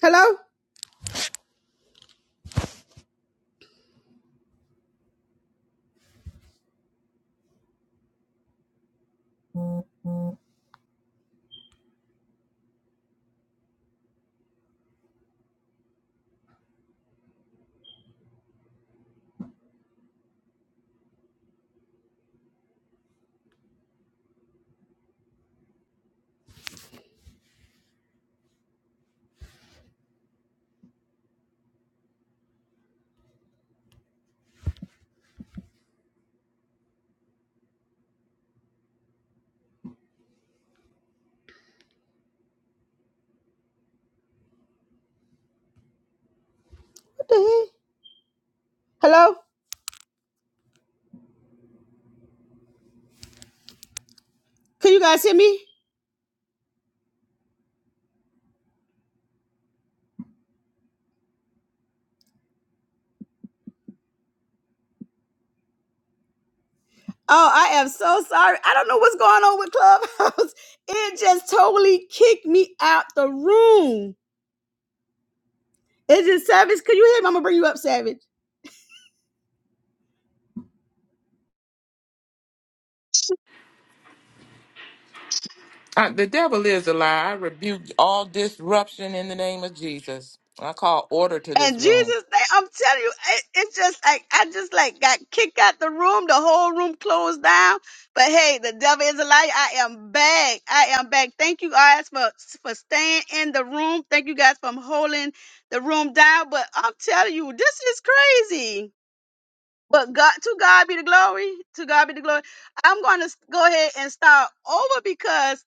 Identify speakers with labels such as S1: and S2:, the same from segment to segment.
S1: Hello? What the heck? Hello? Can you guys hear me? Oh, I am so sorry. I don't know what's going on with Clubhouse. It just totally kicked me out the room. It just Savage. Can you hear me? I'm gonna bring you up, Savage.
S2: I, the devil is a lie. I rebuke all disruption in the name of Jesus. I call order to
S1: And
S2: this room.
S1: Jesus, they, I'm telling you, it, it's just like I just like got kicked out the room. The whole room closed down. But hey, the devil is a liar. I am back. I am back. Thank you guys for for staying in the room. Thank you guys for holding the room down. But I'm telling you, this is crazy. But God, to God be the glory. To God be the glory. I'm going to go ahead and start over because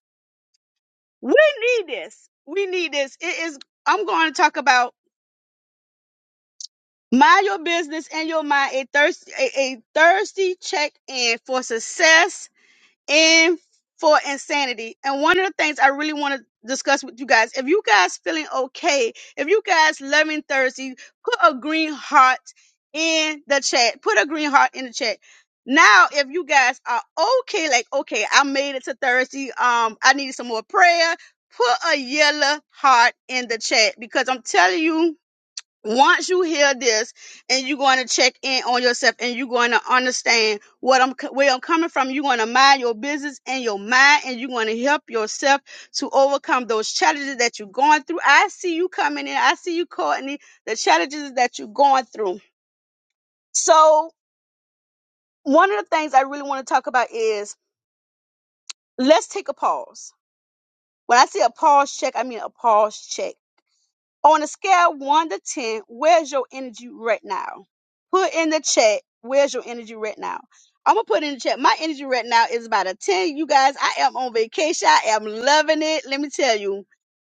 S1: we need this. We need this. It is. I'm going to talk about. Mind your business and your mind a thirsty a, a thirsty check in for success and for insanity. And one of the things I really want to discuss with you guys, if you guys feeling okay, if you guys loving thirsty, put a green heart in the chat. Put a green heart in the chat. Now, if you guys are okay, like okay, I made it to thirsty. Um, I needed some more prayer. Put a yellow heart in the chat because I'm telling you once you hear this and you're going to check in on yourself and you're going to understand what I'm where I'm coming from, you're going to mind your business and your mind and you're going to help yourself to overcome those challenges that you're going through. I see you coming in. I see you, Courtney, the challenges that you're going through. So one of the things I really want to talk about is let's take a pause. When I say a pause check, I mean a pause check On a scale of one to ten, where's your energy right now? Put in the chat. Where's your energy right now? I'm gonna put in the chat. My energy right now is about a ten. You guys, I am on vacation. I am loving it. Let me tell you,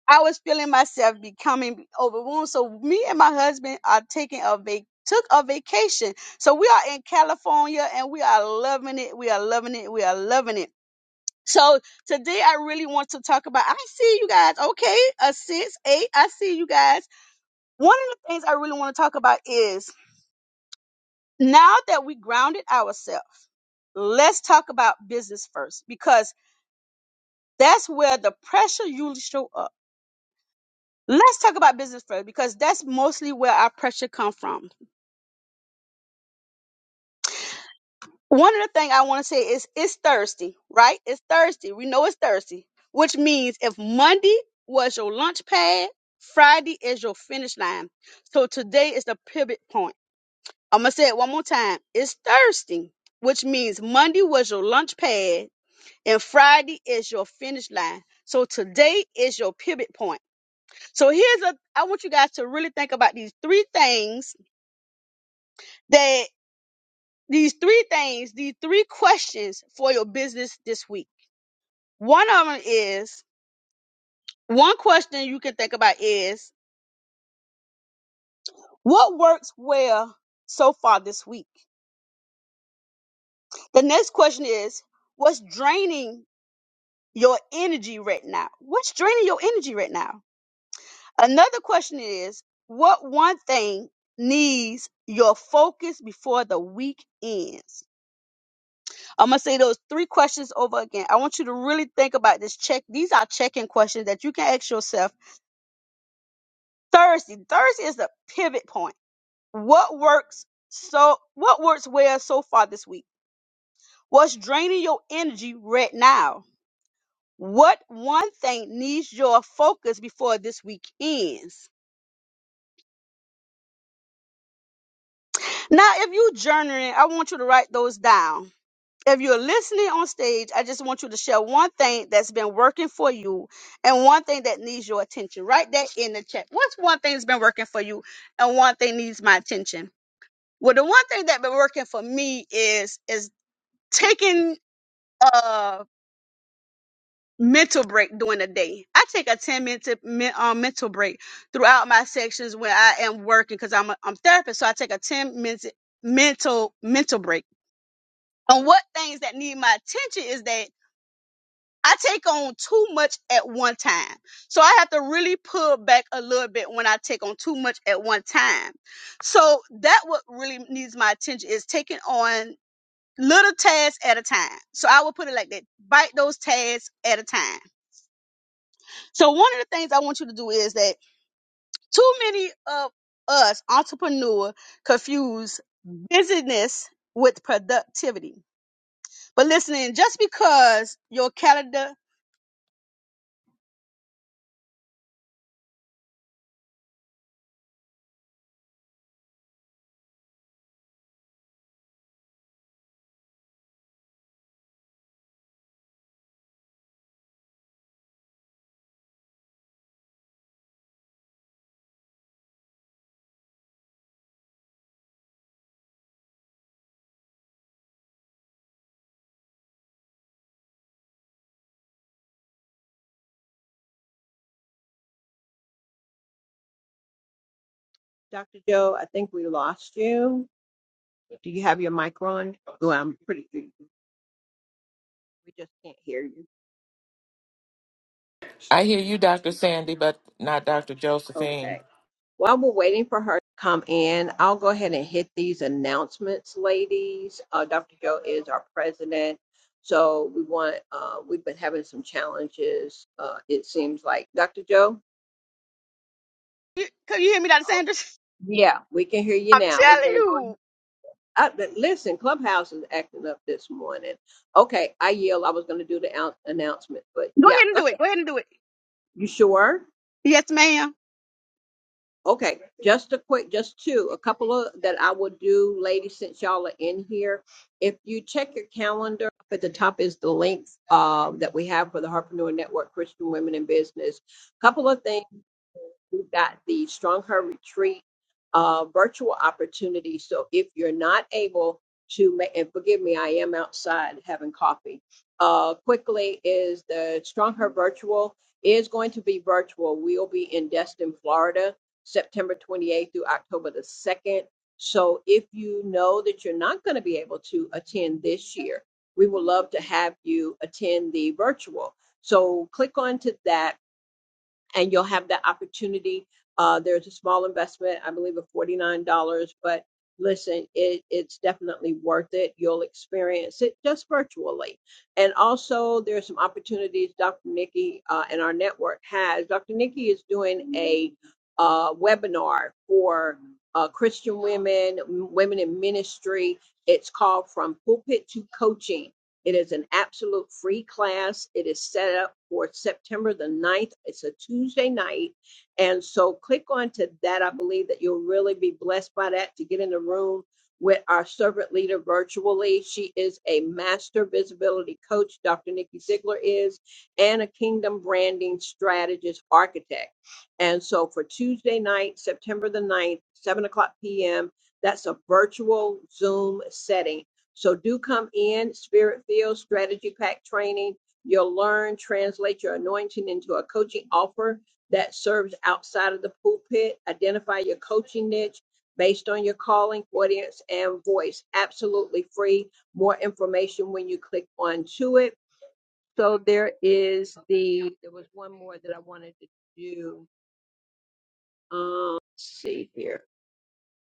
S1: I was feeling myself becoming overwhelmed. So me and my husband are taking a vac took a vacation. So we are in California and we are loving it. We are loving it. We are loving it. So today I really want to talk about. I see you guys. Okay, a six, eight. I see you guys one of the things I really want to talk about is now that we grounded ourselves, let's talk about business first because that's where the pressure usually show up. Let's talk about business first because that's mostly where our pressure come from. One of the things I want to say is it's Thursday, right? It's Thursday. We know it's Thursday, which means if Monday was your launch pad, Friday is your finish line. So today is the pivot point I'm gonna say it one more time. It's thirsty, which means Monday was your launch pad and Friday is your finish line. So today is your pivot point. So here's a I want you guys to really think about these three things that these three things, these three questions for your business this week. One of them is one question you can think about is what works well so far this week? The next question is what's draining your energy right now? What's draining your energy right now? Another question is what one thing needs your focus before the week ends? I'm going to say those three questions over again. I want you to really think about this check. These are check-in questions that you can ask yourself Thursday. Thursday is the pivot point. What works so what works well so far this week? What's draining your energy right now? What one thing needs your focus before this week ends? Now, if you are journaling, I want you to write those down. If you're listening on stage, I just want you to share one thing that's been working for you and one thing that needs your attention. Write that in the chat. What's one thing that's been working for you and one thing needs my attention? Well, the one thing that has been working for me is is taking a mental break during the day. I take a 10 minute men- um, mental break throughout my sections when I am working because I'm a I'm therapist. So I take a 10 minute mental mental break And what things that need my attention is that I take on too much at one time. So I have to really pull back a little bit when I take on too much at one time. So that what really needs my attention is taking on little tasks at a time. So I will put it like that. Bite those tasks at a time. So one of the things I want you to do is that too many of us entrepreneurs confuse busyness with productivity. But listening, just because your calendar
S3: Dr. Joe, I think we lost you. Do you have your mic on? Well, I'm pretty sure you- we just can't hear you.
S2: I hear you, Dr. Sandy, but not Dr. Josephine.
S3: Okay. While we're waiting for her to come in, I'll go ahead and hit these announcements, ladies. Uh, Dr. Joe is our president. So we want, uh, we've been having some challenges, uh, it seems like. Dr. Joe?
S1: You, could you hear me, Dr. Sanders?
S3: Yeah, we can hear you
S1: I'm
S3: now. I was
S1: telling
S3: going to go.
S1: you.
S3: Uh, but listen, Clubhouse is acting up this morning. Okay, I yield. I was going to do the annou- announcement, but
S1: Go
S3: yeah,
S1: ahead and
S3: go
S1: do it. Go ahead and do it.
S3: You sure?
S1: Yes, ma'am.
S3: Okay, just a quick, just two, a couple of that I will do, ladies, since y'all are in here. If you check your calendar, up at the top is the links um, that we have for the Harpreneur Network, Christian Women in Business. Couple of things. We've got the Strong Her Retreat uh, virtual opportunity. So if you're not able to make, and forgive me, I am outside having coffee. Uh, quickly is the Strong Her virtual is going to be virtual. We'll be in Destin, Florida, September 28th through October the 2nd. So if you know that you're not going to be able to attend this year, we would love to have you attend the virtual. So click on to that and you'll have that opportunity. Uh, there's a small investment, I believe, of forty nine dollars, but listen, it, it's definitely worth it. You'll experience it just virtually, and also there's some opportunities Dr. Nikki uh, and our network has. Dr. Nikki is doing a uh, webinar for uh, Christian women, women in ministry. It's called From Pulpit to Coaching it is an absolute free class. It is set up for September the ninth. It's a Tuesday night. And so click on to that. I believe that you'll really be blessed by that to get in the room with our servant leader virtually. She is a master visibility coach, Dr. Nikki Ziegler is, and a kingdom branding strategist architect. And so for Tuesday night, September the ninth, 7 o'clock p.m., that's a virtual Zoom setting so do come in, spirit filled, strategy pack training. You'll learn, translate your anointing into a coaching offer that serves outside of the pulpit. Identify your coaching niche based on your calling, audience, and voice. Absolutely free. More information when you click on to it. So there is the, there was one more that I wanted to do. Um, let's see here.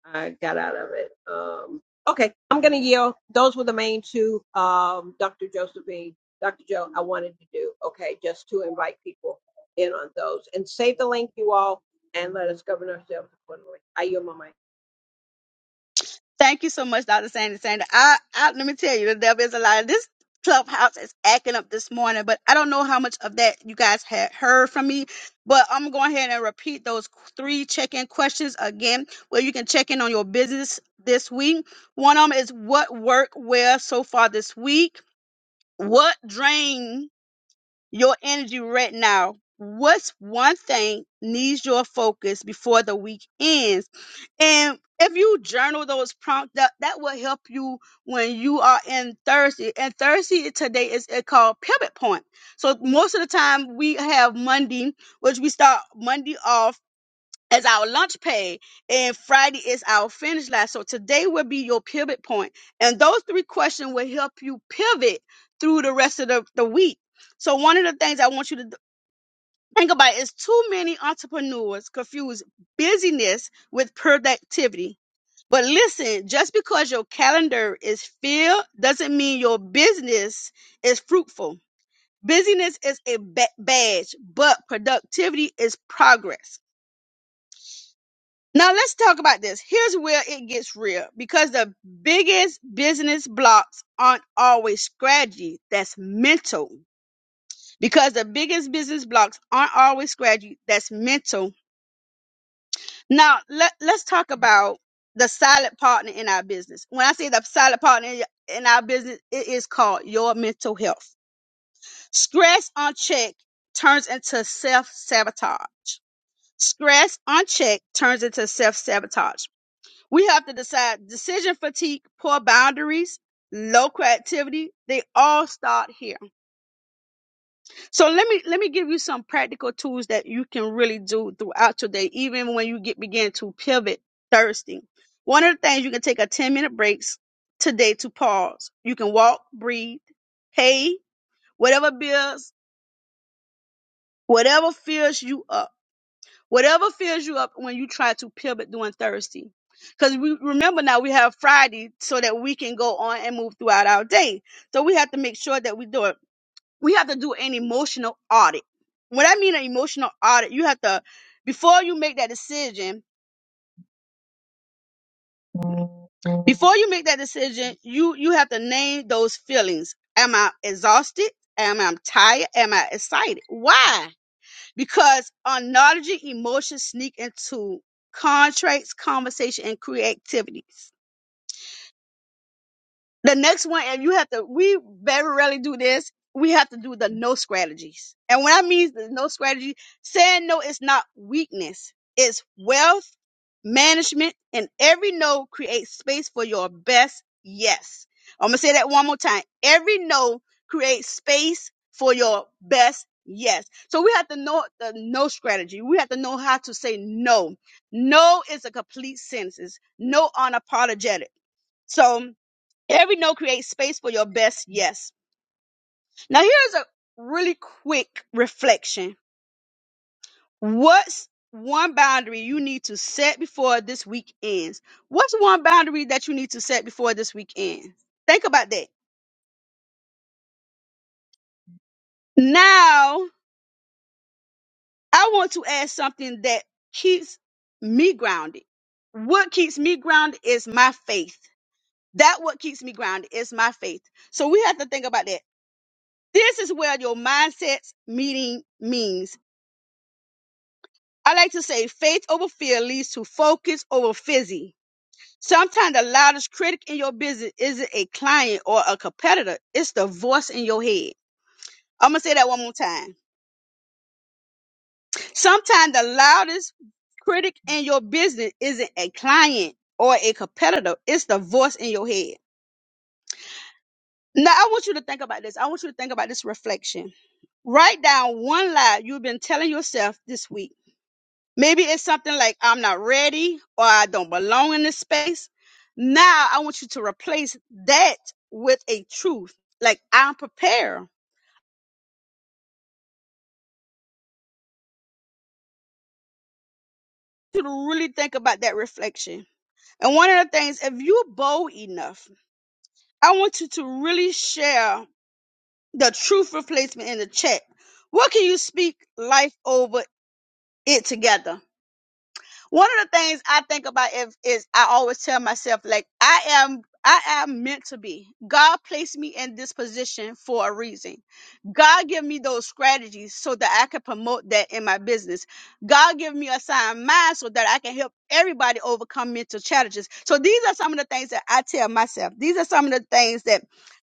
S3: I got out of it. Um, okay, I'm going to yield. Those were the main two, um, Dr. Josephine, Dr. Joe, I wanted to do, okay, just to invite people in on those. And save the link, you all, and let us govern ourselves accordingly. I yield my mic.
S1: Thank you so much, Dr. Sanders. Sanders. I, I, let me tell you, the devil is a lie. This clubhouse is acting up this morning, but I don't know how much of that you guys had heard from me. But I'm going ahead and repeat those three check-in questions again, where you can check in on your business this week. One of them is what worked well so far this week? What drained? your energy right now. What's one thing needs your focus before the week ends? And if you journal those prompts, that, that will help you when you are in Thursday. And Thursday today is uh, called pivot point. So most of the time we have Monday, which we start Monday off as our lunch pay and Friday is our finish line. So today will be your pivot point. And those three questions will help you pivot through the rest of the, the week. So one of the things I want you to th- think about is too many entrepreneurs confuse busyness with productivity. But listen, just because your calendar is filled doesn't mean your business is fruitful. Busyness is a ba- badge, but productivity is progress. Now let's talk about this. Here's where it gets real because the biggest business blocks aren't always strategy, that's mental. Because the biggest business blocks aren't always strategy, that's mental. Now let, let's talk about the silent partner in our business. When I say the silent partner in in our business, it is called your mental health. Stress unchecked turns into self sabotage. Stress unchecked turns into self sabotage. We have to decide decision fatigue, poor boundaries, low creativity. They all start here. So let me let me give you some practical tools that you can really do throughout your day, even when you get begin to pivot thirsty. One of the things you can take a 10 minute breaks today to pause. You can walk, breathe, pay whatever bills, whatever fills you up Whatever fills you up when you try to pivot during Thursday. Because we remember now we have Friday so that we can go on and move throughout our day. So we have to make sure that we do it. We have to do an emotional audit. When I mean an emotional audit, you have to before you make that decision, before you make that decision, you you have to name those feelings. Am I exhausted? Am I tired? Am I excited? Why? because acknowledging emotions sneak into contracts, conversation, and creativities. The next one, and you have to, we very rarely do this. We have to do the no strategies. And when I mean the no strategy, saying no is not weakness. It's wealth management and every no creates space for your best yes. I'm going to say that one more time. Every no creates space for your best yes. So we have to know the no strategy. We have to know how to say no. No is a complete sentence. No unapologetic. So Every no creates space for your best yes. Now, here's a really quick reflection. What's one boundary you need to set before this week ends? What's one boundary that you need to set before this week ends? Think about that. Now, I want to add something that keeps me grounded. What keeps me grounded is my faith. That what keeps me grounded is my faith. So we have to think about that. This is where your mindsets meeting means. I like to say faith over fear leads to focus over fizzy. Sometimes the loudest critic in your business isn't a client or a competitor, it's the voice in your head. I'm gonna say that one more time. Sometimes the loudest critic in your business isn't a client or a competitor, it's the voice in your head. Now, I want you to think about this. I want you to think about this reflection. Write down one lie you've been telling yourself this week. Maybe it's something like I'm not ready or I don't belong in this space. Now I want you to replace that with a truth. Like I'm prepared You to really think about that reflection. And one of the things, if you're bold enough, I want you to really share the truth replacement in the chat. What can you speak life over it together? One of the things I think about if, is I always tell myself, like, I am. I am meant to be. God placed me in this position for a reason. God give me those strategies so that I can promote that in my business. God give me a sound mind so that I can help everybody overcome mental challenges. So these are some of the things that I tell myself. These are some of the things that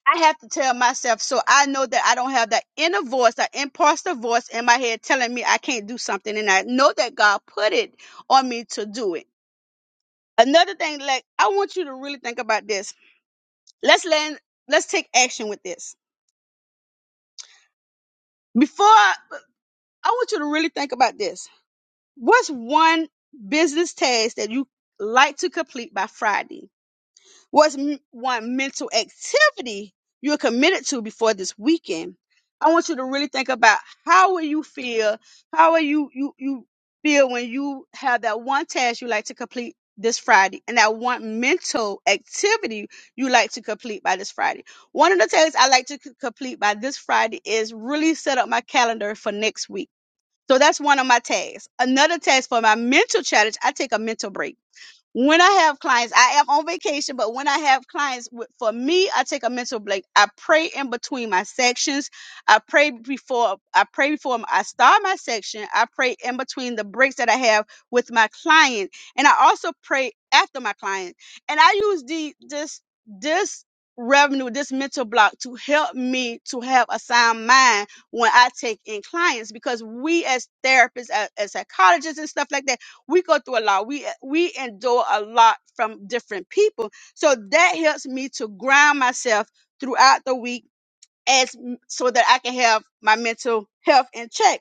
S1: I have to tell myself so I know that I don't have that inner voice, that imposter voice in my head telling me I can't do something. And I know that God put it on me to do it. Another thing, like I want you to really think about this. Let's land, let's take action with this. Before I want you to really think about this. What's one business task that you like to complete by Friday? What's m- one mental activity you're committed to before this weekend? I want you to really think about how will you feel? How will you you you feel when you have that one task you like to complete this Friday and that one mental activity you like to complete by this Friday? One of the tasks I like to c- complete by this Friday is really set up my calendar for next week. So that's one of my tasks. Another task for my mental challenge, I take a mental break when I have clients, I am on vacation, but when I have clients, w- for me, I take a mental break. I pray in between my sections. I pray before I pray before I start my section. I pray in between the breaks that I have with my client, and I also pray after my client. And I use the this this revenue, this mental block to help me to have a sound mind when I take in clients because we as therapists, as, as psychologists and stuff like that we go through a lot. We we endure a lot from different people. So that helps me to ground myself throughout the week as so that I can have my mental health in check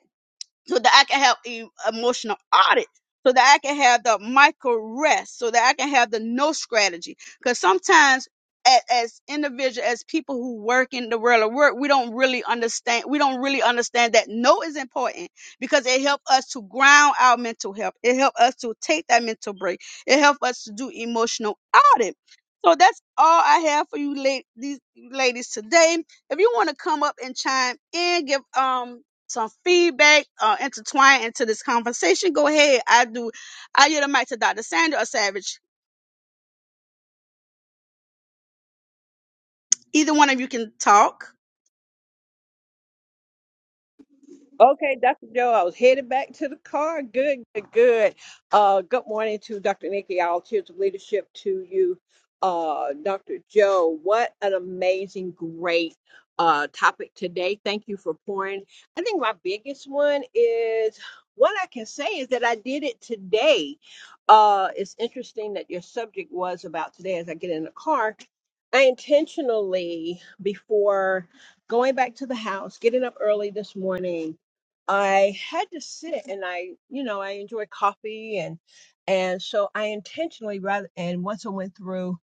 S1: so that I can have e- emotional audit, so that I can have the micro rest, so that I can have the no strategy. Because sometimes, as, as individuals, as people who work in the world of work, we don't really understand. We don't really understand that no is important because it helps us to ground our mental health. It helps us to take that mental break. It helps us to do emotional audit. So that's all I have for you, la- these ladies today. If you want to come up and chime in, give um some feedback uh, intertwined into this conversation, go ahead. I do. I yield the mic to Dr. Sandra or Savage. Either one of you can talk.
S3: Okay, Dr. Joe, I was headed back to the car. Good, good, good. Uh, good morning to Dr. Nikki, all cheers of leadership to you. Uh, Dr. Joe, what an amazing, great uh, topic today. Thank you for pouring. I think my biggest one is what I can say is that I did it today. Uh, it's interesting that your subject was about today as I get in the car. I intentionally, before going back to the house, getting up early this morning, I had to sit and I, you know, I enjoy coffee and and so I intentionally rather and once I went through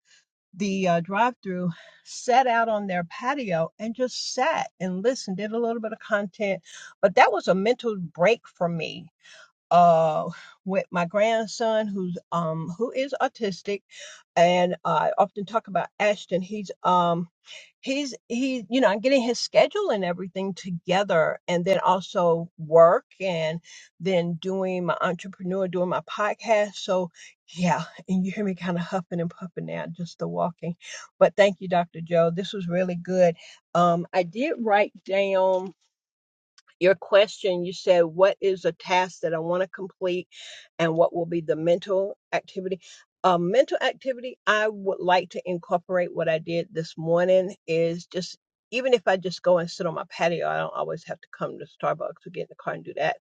S3: the uh, drive-through, sat out on their patio and just sat and listened, did a little bit of content, but that was a mental break for me uh, with my grandson who's um who is autistic and I often talk about Ashton he's um he's he you know I'm getting his schedule and everything together and then also work and then doing my entrepreneur doing my podcast so yeah and you hear me kind of huffing and puffing now just the walking but thank you Dr. Joe this was really good um I did write down your question, you said, What is a task that I want to complete and what will be the mental activity? A mental activity I would like to incorporate what I did this morning is just even if I just go and sit on my patio, I don't always have to come to Starbucks or get in the car and do that.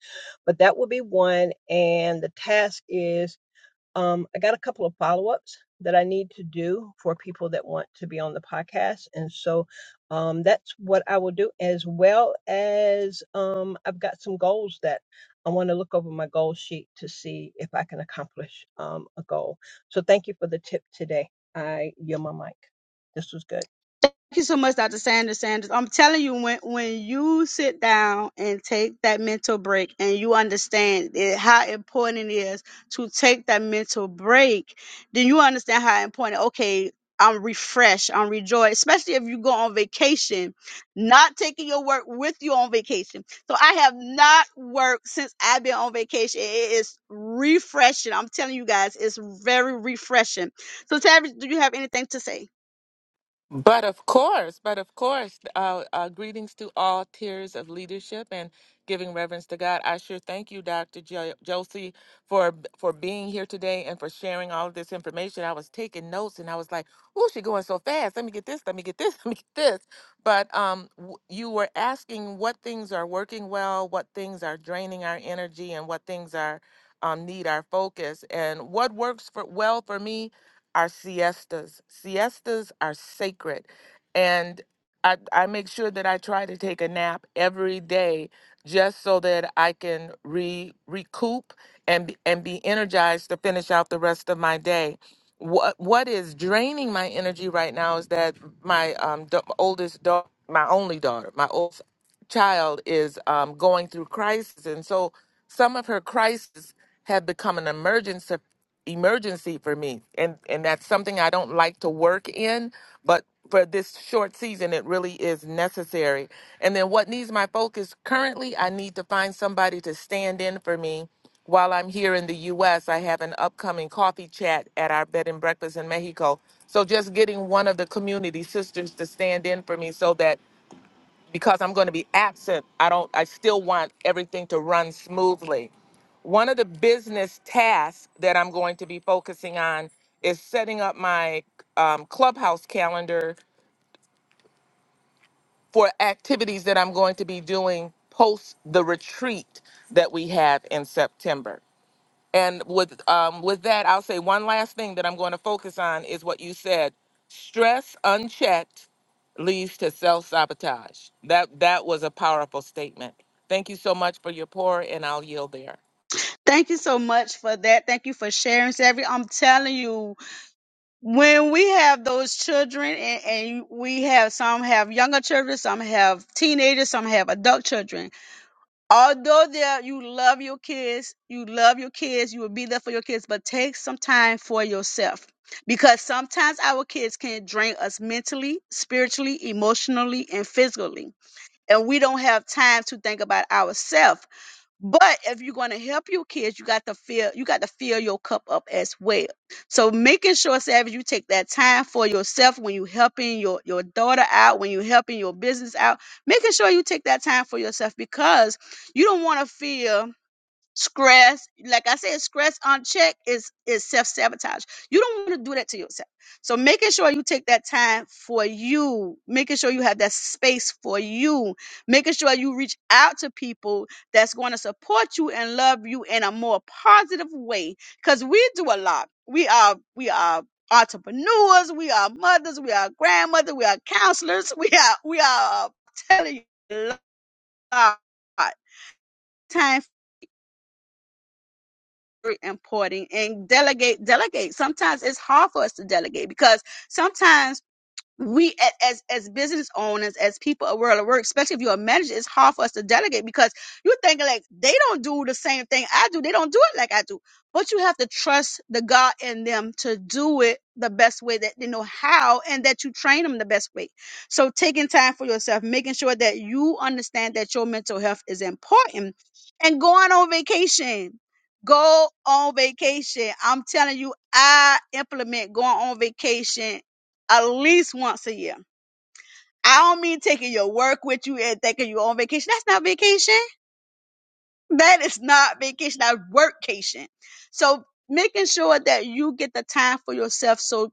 S3: But that would be one. And the task is um, I got a couple of follow ups that I need to do for people that want to be on the podcast, and so um, that's what I will do. As well as um, I've got some goals that I want to look over my goal sheet to see if I can accomplish um, a goal. So thank you for the tip today. I yield my mic. This was good.
S1: Thank you so much, Dr. Sanders. Sanders, I'm telling you, when when you sit down and take that mental break, and you understand it, how important it is to take that mental break, then you understand how important. Okay, I'm refreshed, I'm rejoiced, especially if you go on vacation, not taking your work with you on vacation. So I have not worked since I've been on vacation. It is refreshing. I'm telling you guys, it's very refreshing. So, Tavis, do you have anything to say?
S2: But of course, but of course, uh, uh, greetings to all tiers of leadership and giving reverence to God. I sure thank you, Dr. Jo- Josie, for for being here today and for sharing all of this information. I was taking notes and I was like, "Oh, she's going so fast. Let me get this. Let me get this. Let me get this." But um, w- you were asking what things are working well, what things are draining our energy, and what things are um, need our focus. And what works for well for me our siestas. Siestas are sacred. And I, I make sure that I try to take a nap every day just so that I can re, recoup and, be- and be energized to finish out the rest of my day. What, what is draining my energy right now is that my um, da- oldest daughter, my only daughter, my oldest child is um, going through crisis. And so some of her crises have become an emergency emergency for me and and that's something I don't like to work in but for this short season it really is necessary and then what needs my focus currently I need to find somebody to stand in for me while I'm here in the US I have an upcoming coffee chat at our bed and breakfast in Mexico so just getting one of the community sisters to stand in for me so that because I'm going to be absent, I don't I still want everything to run smoothly. One of the business tasks that I'm going to be focusing on is setting up my um, clubhouse calendar for activities that I'm going to be doing post the retreat that we have in September. And with um, with that, I'll say one last thing that I'm going to focus on is what you said. Stress unchecked leads to self sabotage. That that was a powerful statement. Thank you so much for your pour, and I'll yield there.
S1: Thank you so much for that. Thank you for sharing, Savvy. I'm telling you, when we have those children, and, and we have some have younger children, some have teenagers, some have adult children. Although there, you love your kids, you love your kids, you will be there for your kids, but take some time for yourself. Because sometimes our kids can drain us mentally, spiritually, emotionally, and physically. And we don't have time to think about ourselves but if you're going to help your kids, you got to fill you got to fill your cup up as well. So making sure, Savage, you take that time for yourself when you helping your your daughter out, when you helping your business out, making sure you take that time for yourself because you don't want to feel stress like i said stress unchecked is is self-sabotage you don't want to do that to yourself so making sure you take that time for you making sure you have that space for you making sure you reach out to people that's going to support you and love you in a more positive way because we do a lot we are we are entrepreneurs we are mothers we are grandmothers we are counselors we are we are uh, telling you a lot time. very important and delegate delegate sometimes it's hard for us to delegate because sometimes we a- as as business owners, as people of world of work, especially if you're a manager, it's hard for us to delegate because you're thinking like they don't do the same thing I do. They don't do it like I do. But you have to trust the God in them to do it the best way that they know how and that you train them the best way. So taking time for yourself, making sure that you understand that your mental health is important and going on vacation. Go on vacation. I'm telling you, I implement going on vacation at least once a year. I don't mean taking your work with you and thinking you're on vacation. That's not vacation. That is not vacation. That's workcation. So making sure that you get the time for yourself. So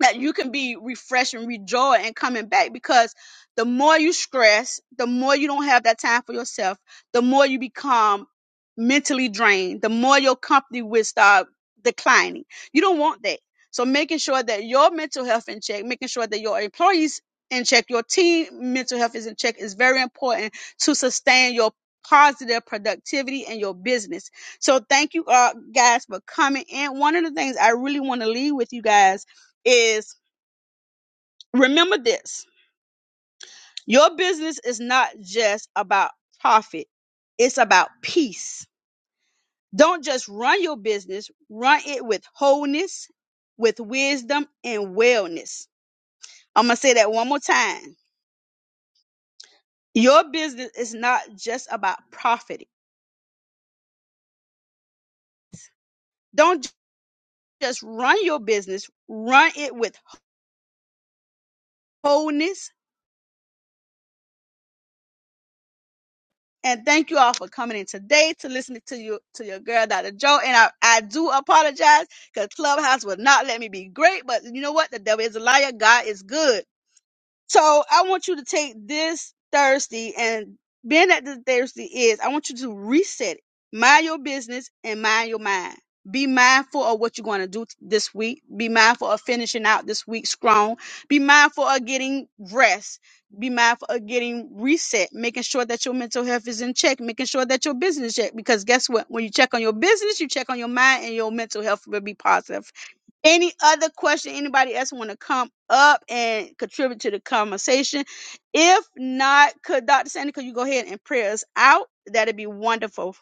S1: that you can be refreshed and rejoiced and coming back because the more you stress, the more you don't have that time for yourself, the more you become mentally drained, the more your company will start declining. You don't want that. So making sure that your mental health in check, making sure that your employees in check, your team mental health is in check is very important to sustain your positive productivity and your business. So thank you uh, guys for coming in. One of the things I really want to leave with you guys is remember this your business is not just about profit, it's about peace. Don't just run your business, run it with wholeness, with wisdom, and wellness. I'm going to say that one more time. Your business is not just about profiting. Don't ju- just run your business, run it with wholeness, And thank you all for coming in today to listen to you to your girl, Dr. Joe. And I, I do apologize because Clubhouse would not let me be great, but you know what? The devil is a liar. God is good. So I want you to take this Thursday and being that the Thursday is, I want you to reset it. Mind your business and mind your mind. Be mindful of what you're going to do this week. Be mindful of finishing out this week strong. Be mindful of getting rest. Be mindful of getting reset, making sure that your mental health is in check, making sure that your business check. Because guess what? When you check on your business, you check on your mind, and your mental health will be positive any other question anybody else want to come up and contribute to the conversation if not could dr sandy could you go ahead and pray us out that'd be wonderful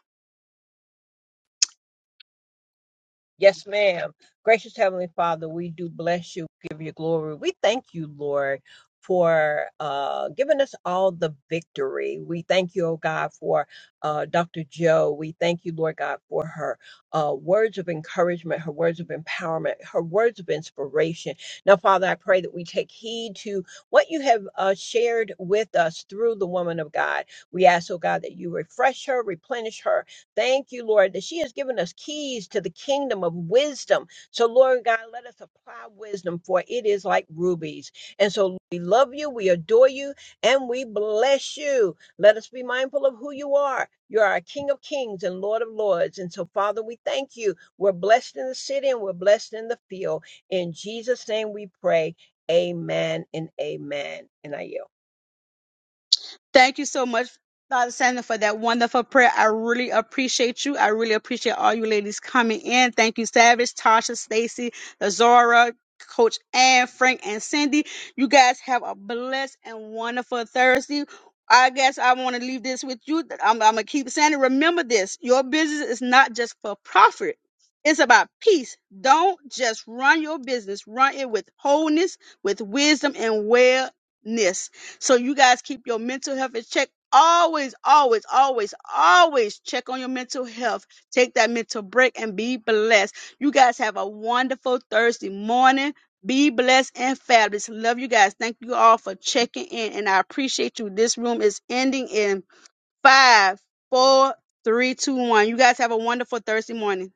S3: Yes, ma'am. Gracious Heavenly Father, we do bless you, give you glory. We thank you, Lord, for uh, giving us all the victory. We thank you, oh God, for uh, Dr. Joe. We thank you, Lord God, for her uh, words of encouragement, her words of empowerment, her words of inspiration. Now, Father, I pray that we take heed to what you have uh, shared with us through the woman of God. We ask, oh God, that you refresh her, replenish her, Thank you, Lord, that she has given us keys to the kingdom of wisdom. So, Lord God, let us apply wisdom, for it is like rubies. And so we love you, we adore you, and we bless you. Let us be mindful of who you are. You are our King of Kings and Lord of Lords. And so, Father, we thank you. We're blessed in the city and we're blessed in the field. In Jesus' name we pray. Amen and amen. And I yield.
S1: Thank you so much, Father Sandra, for that wonderful prayer. I really appreciate you. I really appreciate all you ladies coming in. Thank you, Savage, Tasha, Stacy, Lazora, Coach Ann, Frank, and Cindy. You guys have a blessed and wonderful Thursday. I guess I want to leave this with you. I'm, I'm going to keep saying it. Remember this your business is not just for profit, it's about peace. Don't just run your business, run it with wholeness, with wisdom, and wellness. So you guys keep your mental health in check. Always, always, always, always check on your mental health. Take that mental break and be blessed. You guys have a wonderful Thursday morning. Be blessed and fabulous. Love you guys. Thank you all for checking in, and I appreciate you. This room is ending in five, four, three, two, one. You guys have a wonderful Thursday morning.